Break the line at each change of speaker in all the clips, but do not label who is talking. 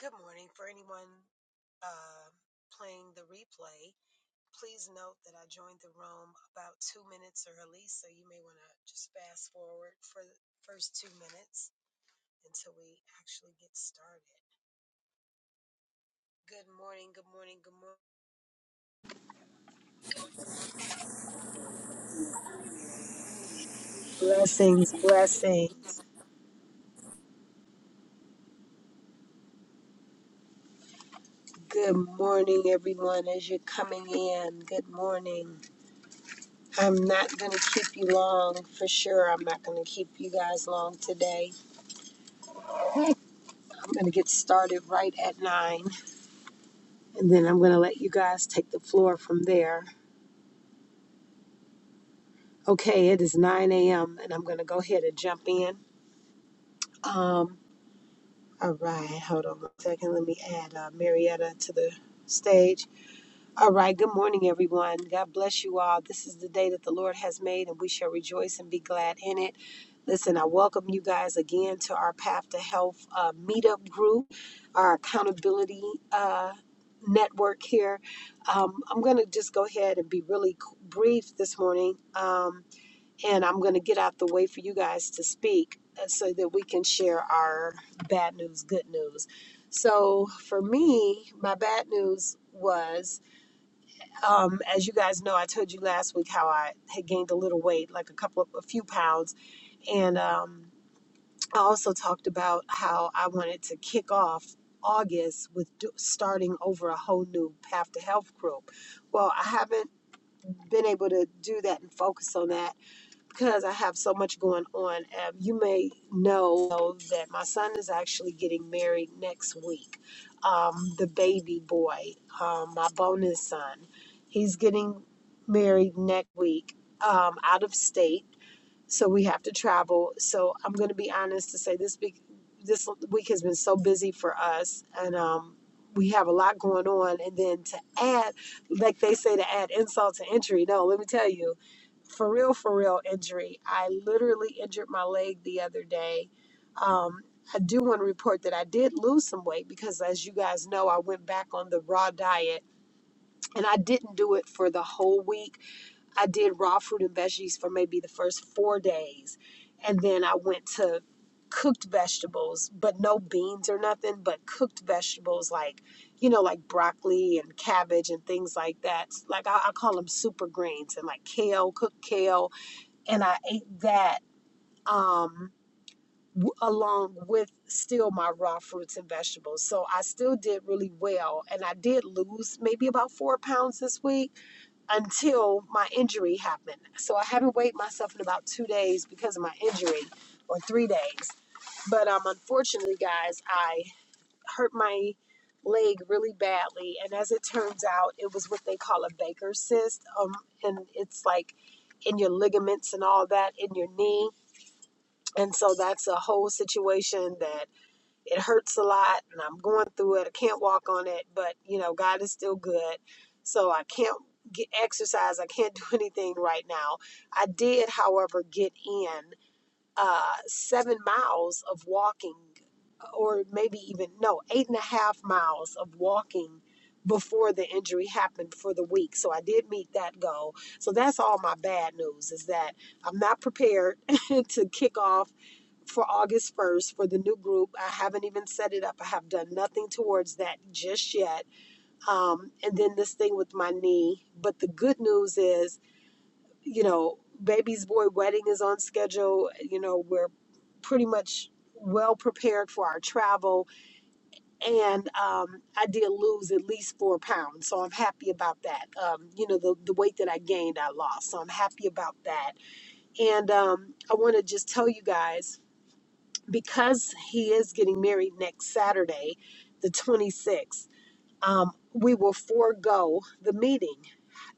Good morning. For anyone uh, playing the replay, please note that I joined the room about two minutes early, so you may want to just fast forward for the first two minutes until we actually get started. Good morning, good morning, good morning. Blessings, blessings. Good morning, everyone, as you're coming in. Good morning. I'm not going to keep you long for sure. I'm not going to keep you guys long today. I'm going to get started right at 9. and then I'm going to let you guys take the floor from there. Okay, it is 9 a.m., and I'm going to go ahead and jump in. Um, all right, hold on a second. Let me add uh, Marietta to the stage. All right, good morning, everyone. God bless you all. This is the day that the Lord has made, and we shall rejoice and be glad in it. Listen, I welcome you guys again to our Path to Health uh, meetup group, our accountability uh, network here. Um, I'm going to just go ahead and be really c- brief this morning, um, and I'm going to get out the way for you guys to speak uh, so that we can share our bad news, good news. So, for me, my bad news was um, as you guys know, I told you last week how I had gained a little weight, like a couple of a few pounds, and um, I also talked about how I wanted to kick off August with do, starting over a whole new Path to Health group. Well, I haven't been able to do that and focus on that because I have so much going on, um, you may know that my son is actually getting married next week. Um, the baby boy, um, my bonus son, he's getting married next week um, out of state so we have to travel. So I'm going to be honest to say this week, this week has been so busy for us, and um, we have a lot going on. And then to add, like they say, to add insult to injury. No, let me tell you, for real, for real injury. I literally injured my leg the other day. Um, I do want to report that I did lose some weight because, as you guys know, I went back on the raw diet, and I didn't do it for the whole week I did raw fruit and veggies for maybe the first four days. And then I went to cooked vegetables, but no beans or nothing, but cooked vegetables like, you know, like broccoli and cabbage and things like that. Like I, I call them super greens and like kale, cooked kale. And I ate that um, w- along with still my raw fruits and vegetables. So I still did really well. And I did lose maybe about four pounds this week until my injury happened. So I haven't weighed myself in about two days because of my injury, or three days. But um, unfortunately, guys, I hurt my leg really badly, and as it turns out, it was what they call a Baker's cyst, um, and it's like in your ligaments and all that in your knee. And so that's a whole situation that it hurts a lot and I'm going through it. I can't walk on it, but you know, God is still good. So I can't get exercise. I can't do anything right now. I did, however, get in uh, seven miles of walking, or maybe even, no, eight and a half miles of walking before the injury happened for the week. So I did meet that goal. So that's all my bad news is that I'm not prepared to kick off for August 1st for the new group. I haven't even set it up. I have done nothing towards that just yet. Um, and then this thing with my knee. But the good news is, you know, baby's boy wedding is on schedule. You know, we're pretty much well prepared for our travel. And um, I did lose at least four pounds. So I'm happy about that. Um, you know, the, the weight that I gained, I lost. So I'm happy about that. And um, I want to just tell you guys because he is getting married next Saturday, the 26th um, we will forego the meeting.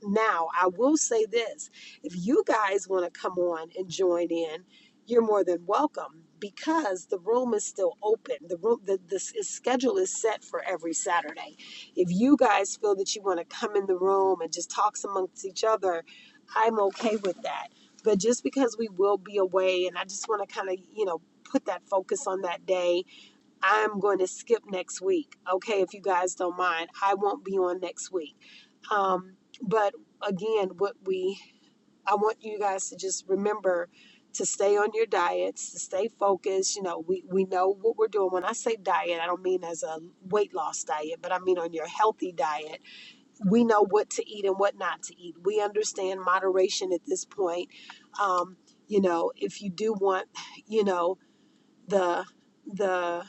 Now, I will say this if you guys want to come on and join in, you're more than welcome because the room is still open. The room, the, the s- is- schedule is set for every Saturday. If you guys feel that you want to come in the room and just talk amongst each other, I'm okay with that. But just because we will be away, and I just want to kind of, you know, put that focus on that day I'm going to skip next week. Okay, if you guys don't mind, I won't be on next week. Um, but again, what we I want you guys to just remember to stay on your diets, to stay focused. You know, we we know what we're doing. When I say diet, I don't mean as a weight loss diet, but I mean on your healthy diet. We know what to eat and what not to eat. We understand moderation at this point. Um, you know, if you do want, you know, the the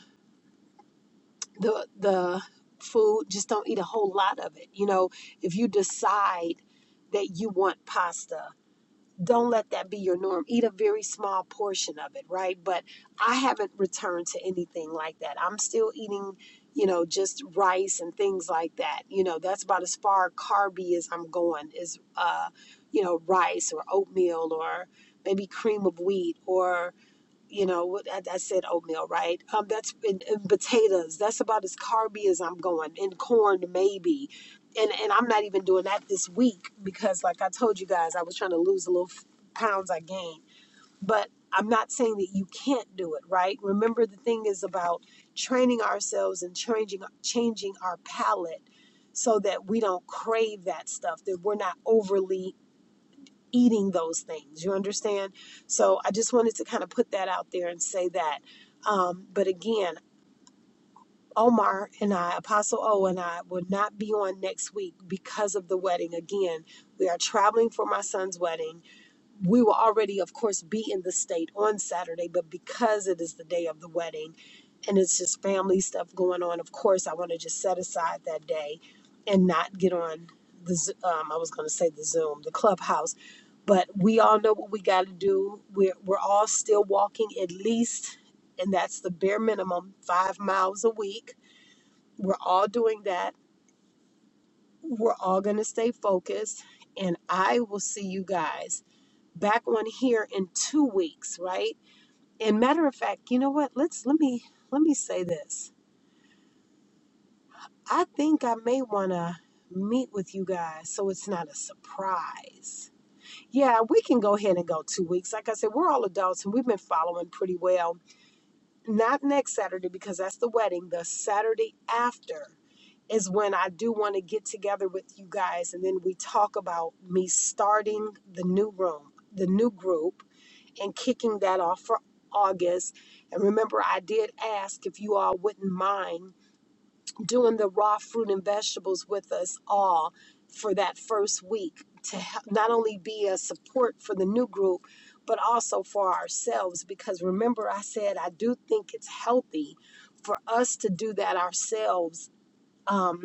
the the food just don't eat a whole lot of it you know if you decide that you want pasta don't let that be your norm eat a very small portion of it right but i haven't returned to anything like that i'm still eating you know just rice and things like that you know that's about as far carby as i'm going is uh you know rice or oatmeal or maybe cream of wheat or you know what I, I said oatmeal right um that's in and potatoes that's about as carby as i'm going and corn maybe and and i'm not even doing that this week because like i told you guys i was trying to lose the little f- pounds i gained but i'm not saying that you can't do it right remember the thing is about training ourselves and changing changing our palate so that we don't crave that stuff that we're not overly eating those things. You understand? So I just wanted to kind of put that out there and say that. Um, but again, Omar and I, Apostle O and I, will not be on next week because of the wedding. Again, we are traveling for my son's wedding we will already, of course, be in the state on Saturday, but because it is the day of the wedding and it's just family stuff going on, of course, I want to just set aside that day and not get on the, Z- um, I was going to say the Zoom, the clubhouse. But we all know what we got to do. We're, we're all still walking at least, and that's the bare minimum, five miles a week. We're all doing that. We're all going to stay focused, and I will see you guys back on here in two weeks, right? And matter of fact, you know what? Let's let me let me say this. I think I may want to meet with you guys so it's not a surprise. Yeah, we can go ahead and go two weeks. Like I said, we're all adults and we've been following pretty well. Not next Saturday because that's the wedding. The Saturday after is when I do want to get together with you guys and then we talk about me starting the new room, the new group and kicking that off for August. And remember, I did ask if you all wouldn't mind doing the raw fruit and vegetables with us all for that first week to help not only be a support for the new group, but also for ourselves. Because remember, I said I do think it's healthy for us to do that ourselves um,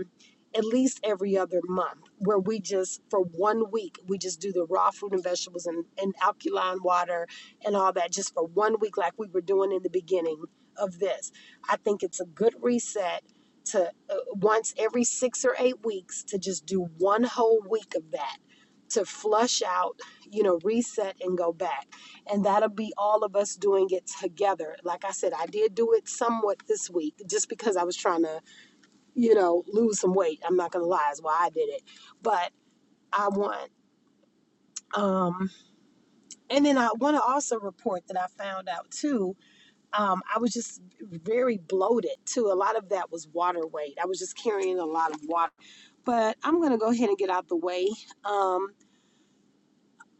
at least every other month where we just for one week we just do the raw fruit and vegetables and, and alkaline water and all that just for one week like we were doing in the beginning of this i think it's a good reset to uh, once every six or eight weeks to just do one whole week of that to flush out you know reset and go back and that'll be all of us doing it together like i said i did do it somewhat this week just because i was trying to you know, lose some weight. I'm not gonna lie, is why I did it. But I want um and then I want to also report that I found out too. Um, I was just very bloated too. A lot of that was water weight. I was just carrying a lot of water. But I'm gonna go ahead and get out the way um,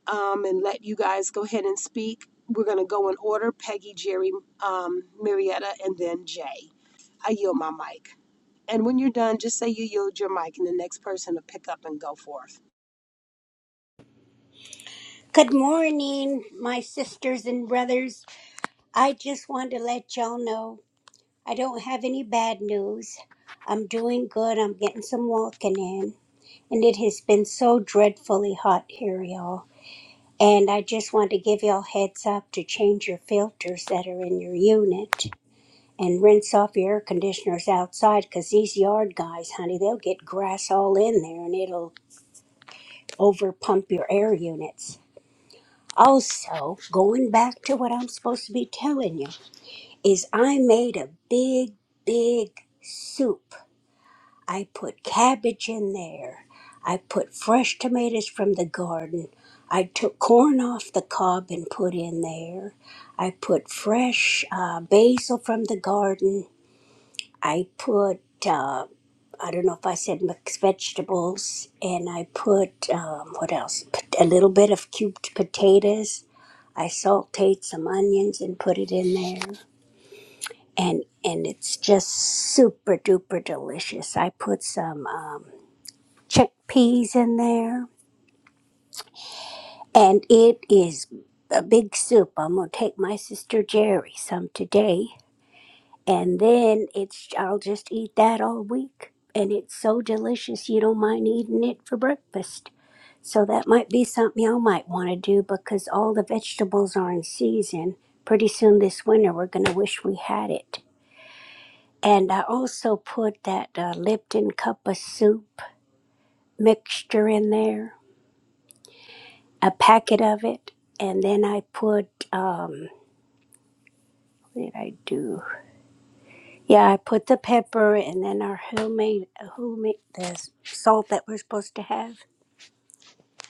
um, and let you guys go ahead and speak. We're gonna go in order: Peggy, Jerry, um, Marietta, and then Jay. I yield my mic. And when you're done, just say you yield your mic, and the next person will pick up and go forth.
Good morning, my sisters and brothers. I just wanted to let y'all know I don't have any bad news. I'm doing good. I'm getting some walking in. And it has been so dreadfully hot here, y'all. And I just want to give y'all heads up to change your filters that are in your unit and rinse off your air conditioners outside because these yard guys, honey, they'll get grass all in there and it'll over pump your air units. Also, going back to what I'm supposed to be telling you, is I made a big, big soup. I put cabbage in there. I put fresh tomatoes from the garden. I took corn off the cob and put in there. I put fresh uh, basil from the garden. I put, uh, I don't know if I said mixed vegetables, and I put, um, what else? Pot- A little bit of cubed potatoes I sauteed some onions and put it in there, and and it's just super duper delicious. I put some um, chickpeas in there, and it is a big soup. I'm gonna take my sister Jerry some today, and then it's I'll just eat that all week, and it's so delicious you don't mind eating it for breakfast. So that might be something y'all might want to do because all the vegetables are in season. Pretty soon this winter, we're gonna wish we had it. And I also put that uh, Lipton cup of soup mixture in there, a packet of it. And then I put, um, what did I do? Yeah, I put the pepper and then our homemade, homemade, the salt that we're supposed to have.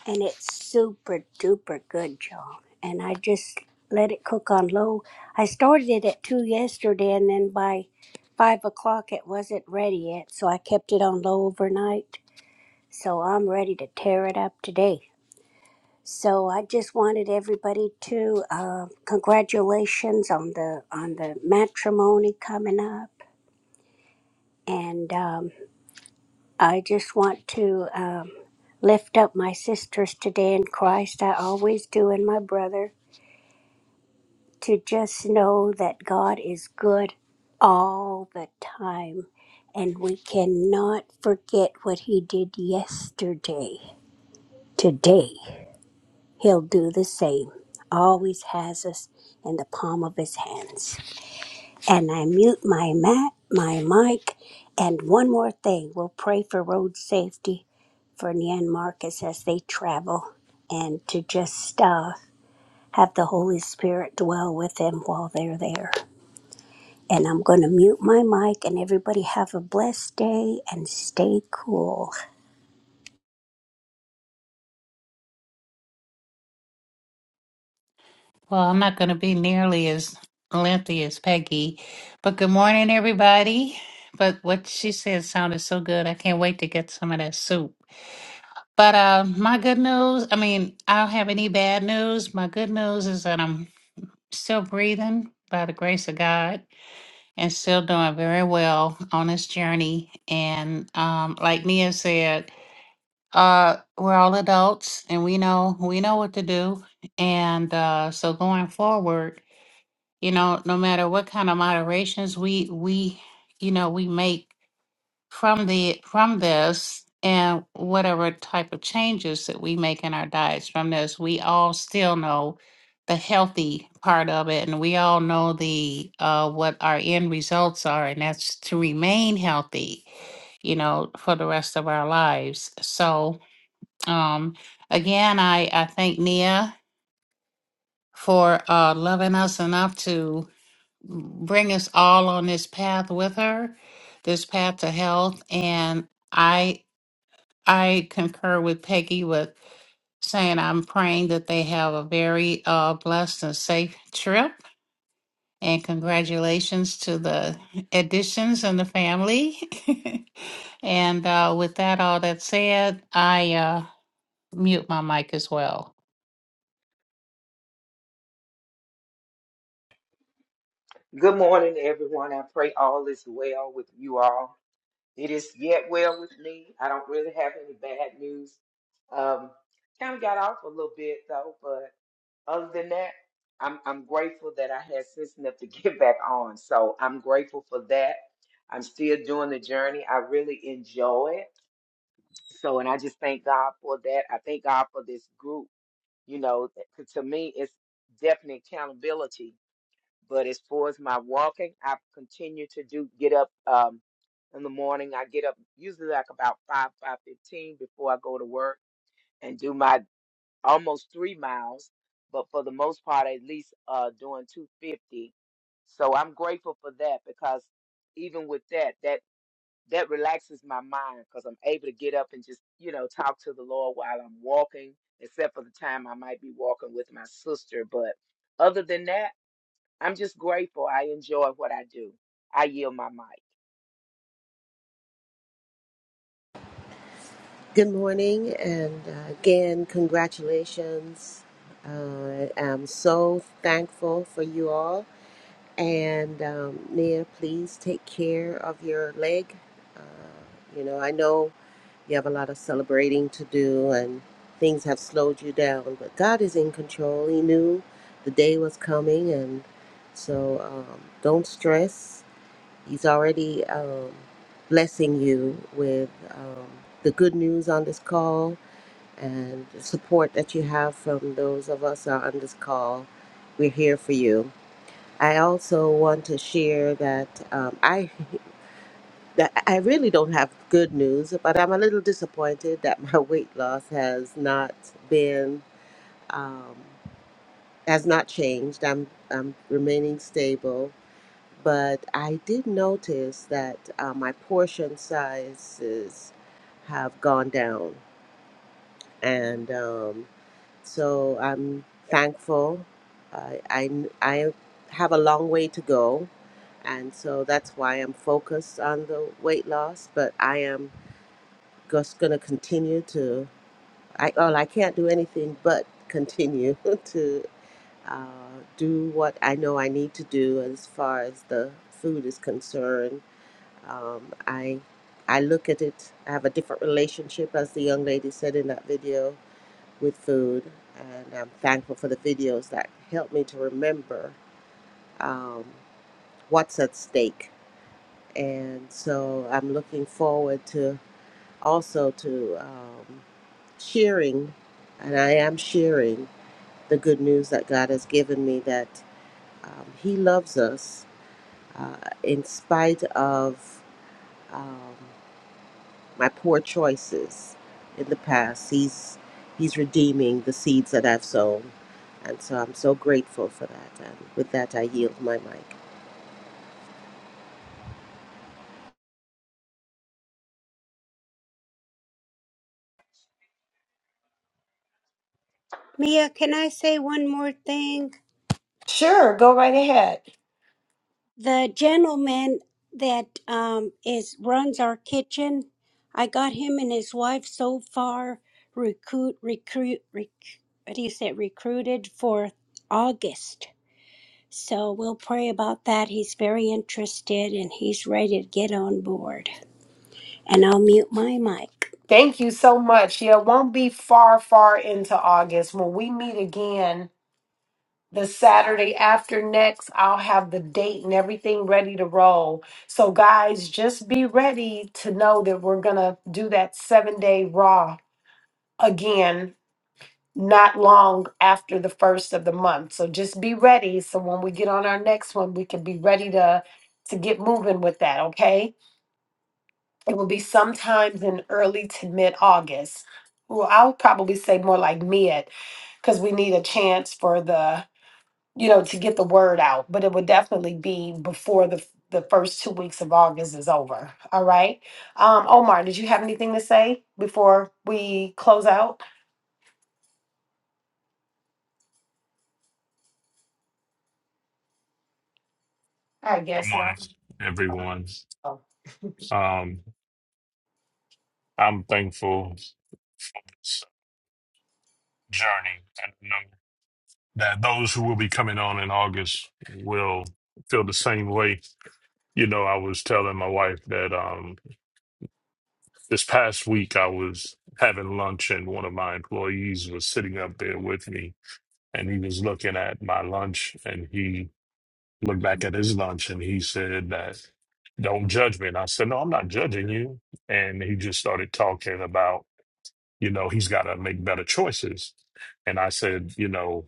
And it's super duper good, y'all. And I just let it cook on low. I started it at two yesterday and then by five o'clock it wasn't ready yet. So I kept it on low overnight So I'm ready to tear it up today. So I just wanted everybody to uh, congratulations on the on the matrimony coming up, and um, I just want to um, lift up my sisters today in Christ. I always do, and my brother to just know that God is good all the time, and we cannot forget what He did yesterday, today. He'll do the same. Always has us in the palm of his hands. And I mute my mat, my mic, and one more thing. We'll pray for road safety for Nyan Marcus as they travel and to just uh, have the Holy Spirit dwell with them while they're there. And I'm going to mute my mic and everybody have a blessed day and stay cool.
Well, I'm not going to be nearly as lengthy as Peggy, but good morning, everybody. But what she said sounded so good. I can't wait to get some of that soup. But uh, my good news I mean, I don't have any bad news. My good news is that I'm still breathing by the grace of God and still doing very well on this journey. And um, like Nia said, uh, we're all adults and we know we know what to do. And uh, so going forward, you know no matter what kind of moderations we we you know we make from the from this and whatever type of changes that we make in our diets from this we all still know the healthy part of it and we all know the uh what our end results are and that's to remain healthy you know for the rest of our lives so um again i i thank nia for uh loving us enough to bring us all on this path with her, this path to health. And I I concur with Peggy with saying I'm praying that they have a very uh, blessed and safe trip. And congratulations to the additions and the family. and uh, with that, all that said, I uh, mute my mic as well.
Good morning, everyone. I pray all is well with you all. It is yet well with me. I don't really have any bad news. Um, kind of got off a little bit though, but other than that, I'm I'm grateful that I had sense enough to get back on. So I'm grateful for that. I'm still doing the journey. I really enjoy it. So, and I just thank God for that. I thank God for this group. You know, that- to me, it's definite accountability but as far as my walking, I continue to do get up um, in the morning. I get up usually like about five five fifteen before I go to work and do my almost three miles. But for the most part, at least uh, doing two fifty. So I'm grateful for that because even with that, that that relaxes my mind because I'm able to get up and just you know talk to the Lord while I'm walking. Except for the time I might be walking with my sister, but other than that. I'm just grateful. I enjoy what I do. I yield my mic.
Good morning, and uh, again, congratulations. Uh, I'm so thankful for you all. And um, Nia, please take care of your leg. Uh, you know, I know you have a lot of celebrating to do, and things have slowed you down, but God is in control. He knew the day was coming, and so um, don't stress. He's already um, blessing you with um, the good news on this call and the support that you have from those of us who are on this call. We're here for you. I also want to share that um, I that I really don't have good news, but I'm a little disappointed that my weight loss has not been um, has not changed. I'm I'm remaining stable but I did notice that uh, my portion sizes have gone down, and um, so I'm thankful. I, I I have a long way to go, and so that's why I'm focused on the weight loss. But I am just gonna continue to. I well, I can't do anything but continue to uh, do what I know I need to do as far as the food is concerned Um, I I look at it. I have a different relationship, as the young lady said in that video, with food, and I'm thankful for the videos that help me to remember um, what's at stake. And so I'm looking forward to also to um, sharing, and I am sharing the good news that God has given me that um, He loves us uh, in spite of. Um, my poor choices in the past. He's he's redeeming the seeds that I've sown. And so I'm so grateful for that. And with that I yield my mic.
Mia, can I say one more thing?
Sure, go right ahead.
The gentleman that um, is runs our kitchen, I got him and his wife so far recruit recruit rec, what do you say recruited for August. So we'll pray about that. He's very interested and he's ready to get on board. And I'll mute my mic.
Thank you so much. Yeah, it won't be far, far into August. When we meet again the Saturday after next, I'll have the date and everything ready to roll. So, guys, just be ready to know that we're going to do that seven day raw again, not long after the first of the month. So, just be ready. So, when we get on our next one, we can be ready to. To get moving with that, okay? It will be sometimes in early to mid August. Well, I would probably say more like mid because we need a chance for the, you know, to get the word out. But it would definitely be before the the first two weeks of August is over. All right. Um, Omar, did you have anything to say before we close out? I
Good
guess not.
morning, everyone.
Oh,
Um, I'm thankful it's journey. and I know that those who will be coming on in August will feel the same way. You know, I was telling my wife that um, this past week I was having lunch and one of my employees was sitting up there with me and he was looking at my lunch and he looked back at his lunch and he said that don't judge me. And I said, no, I'm not judging you. And he just started talking about you know, he's got to make better choices. And I said, you know,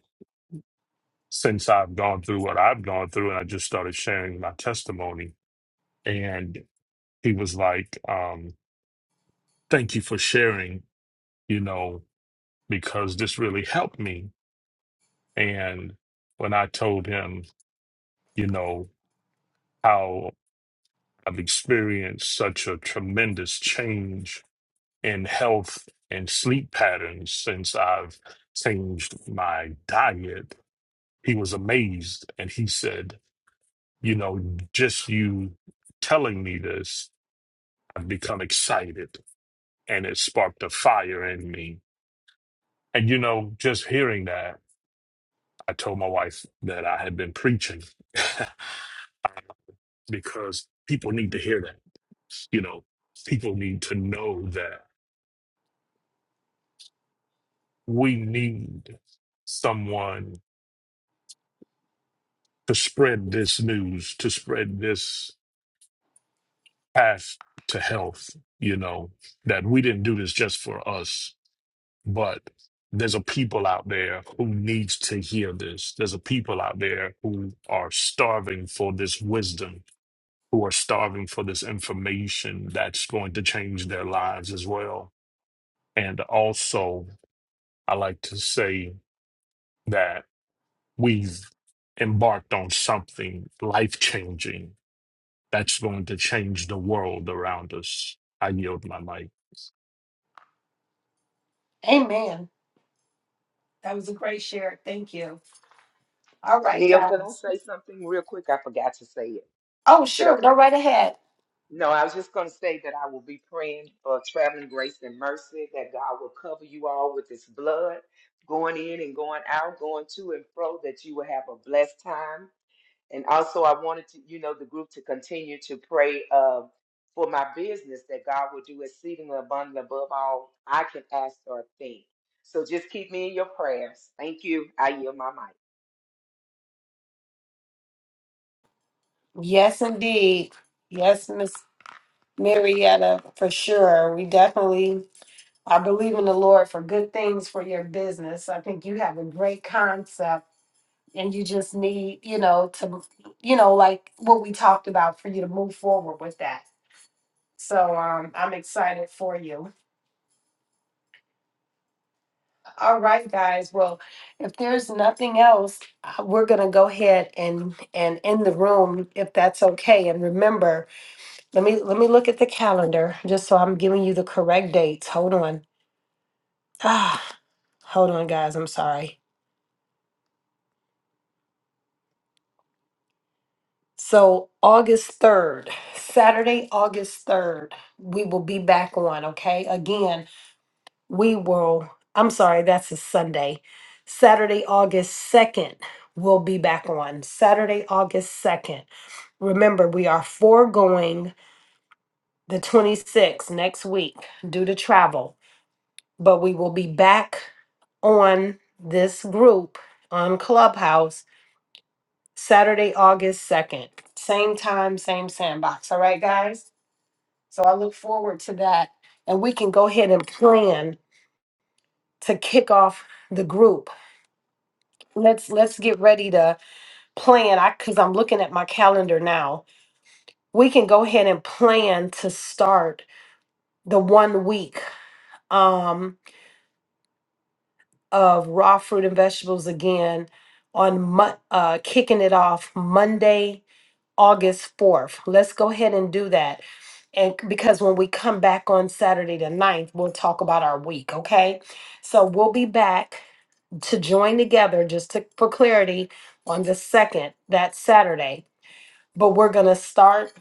since I've gone through what I've gone through, and I just started sharing my testimony. And he was like, um, thank you for sharing, you know, because this really helped me. And when I told him, you know, how I've experienced such a tremendous change in health and sleep patterns since I've changed my diet he was amazed and he said, You know, just you telling me this, I've become excited and it sparked a fire in me. And, you know, just hearing that, I told my wife that I had been preaching because people need to hear that. You know, people need to know that we need someone to spread this news, to spread this. path to health, you know, that we didn't do this just for us, but there's a people out there who needs to hear this. There's a people out there who are starving for this wisdom, who are starving for this information that's going to change their lives as well. And also, I like to say that we've embarked on something life changing that's going to change the world around us. I yield my mic.
that was a great share. Thank you. All right,
Neil, can I
guys.
say something real quick? I forgot to say it. I
Oh,
Said
sure. Go
okay.
right ahead.
No, I was just going to say that I will be praying for traveling grace and mercy that God will cover you all with His blood, going in and going out, going to and fro. That you will have a blessed time And also, I wanted to, you know, the group to continue to pray uh, for my business that God will do exceedingly abundantly above all I can ask or think. So just keep me in your prayers. Thank you. I yield my mic.
Yes, indeed. Yes, Miss Marietta, for sure. We definitely I believe in the Lord for good things for your business. I think you have a great concept and you just need, you know, to, you know, like what we talked about for you to move forward with that. So um, I'm excited for you. All right, guys. Well, if there's nothing else, uh, we're gonna go ahead and and end the room if that's okay. And remember, let me let me look at the calendar just so I'm giving you the correct dates. Hold on. Ah, hold on, guys. I'm sorry. So August 3rd, Saturday, August 3rd, we will be back on, okay? Again, we will, I'm sorry, that's a Sunday. Saturday, August 2nd, we'll be back on. Saturday, August 2nd. Remember, we are foregoing the 26th next week due to travel, but we will be back on this group on Clubhouse Saturday, August 2nd. Same time, same sandbox. All right, guys? So I look forward to that, and we can go ahead and plan to kick off the group. Let's let's get ready to plan. I because I'm looking at my calendar now. We can go ahead and plan to start the one week um, of raw fruit and vegetables again on Mon- uh, kicking it off Monday, August 4th. Let's go ahead and do that. And c- because when we come back on Saturday the ninth, we'll talk about our week, okay? So we'll be back to join together just to, for clarity on the 2nd, that Saturday. But we're going to start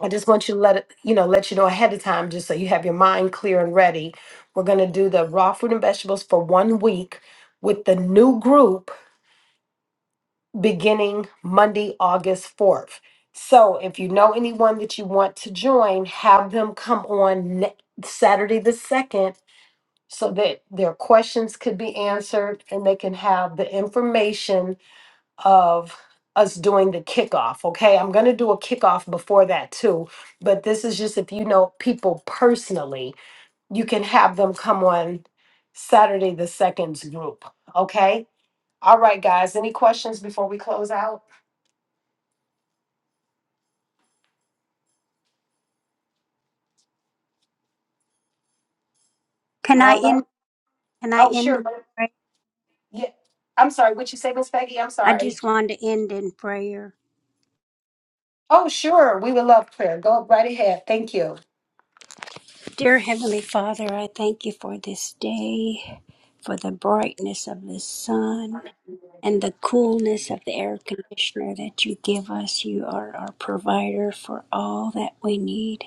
I just want you to let it, you know, let you know ahead of time just so you have your mind clear and ready. We're going to do the raw fruit and vegetables for one week with the new group beginning Monday, August 4th. So if you know anyone that you want to join, have them come on ne- Saturday the 2nd so that their questions could be answered and they can have the information of us doing the kickoff. Okay, I'm going to do a kickoff before that too, but this is just if you know people personally, you can have them come on Saturday the second's group. Okay. All right, guys. Any questions before we close out?
Can I
All
end?
right.
Can I end?
Oh,
in
sure. ma'am.
prayer?
Yeah. I'm sorry. What you say, Miss Peggy? I'm
I
sorry.
just wanted to end in prayer.
Oh, sure. We would love prayer. Go right ahead. Thank you.
Dear Heavenly Father, I thank you for this day, for the brightness of the sun and the coolness of the air conditioner that you give us. You are our provider for all that we need.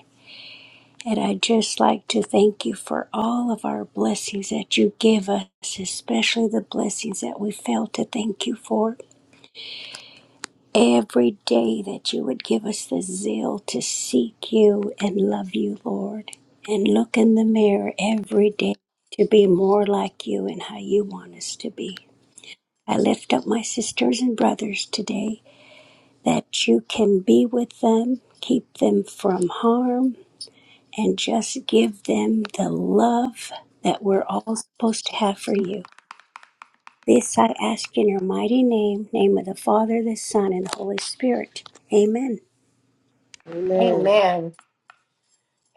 And I'd just like to thank you for all of our blessings that you give us, especially the blessings that we fail to thank you for every day that you would give us the zeal to seek you and love you, Lord, and look in the mirror every day to be more like you and how you want us to be. I lift up my sisters and brothers today that you can be with them, keep them from harm, and just give them the love that we're all supposed to have for you. This I ask in your mighty name, name of the Father, the Son, and the Holy Spirit. Amen.
Amen.
Amen.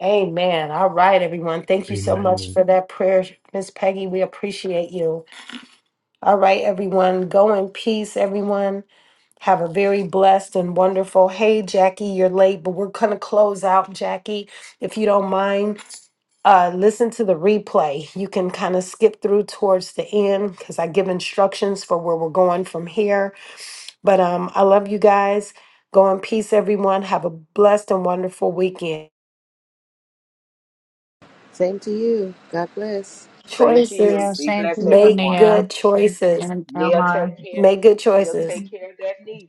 Amen. All right, everyone. Thank you so much
Amen.
for that prayer, Miss Peggy. We appreciate you. All right, everyone. Go in peace, everyone. Have a very blessed and wonderful. Hey, Jackie, you're late, but we're going to close out, Jackie, if you don't mind. uh, listen to the replay. You can kind of skip through towards the end because I give instructions for where we're going from here. But um, I love you guys. Go in peace, everyone. Have a blessed and wonderful weekend.
Same to you. God bless.
Same to you.
Yeah,
Be
same to
blessed,
you,
everyone.
Nia and
Neil,
Elmar.
take care. Neil, take care of that knee.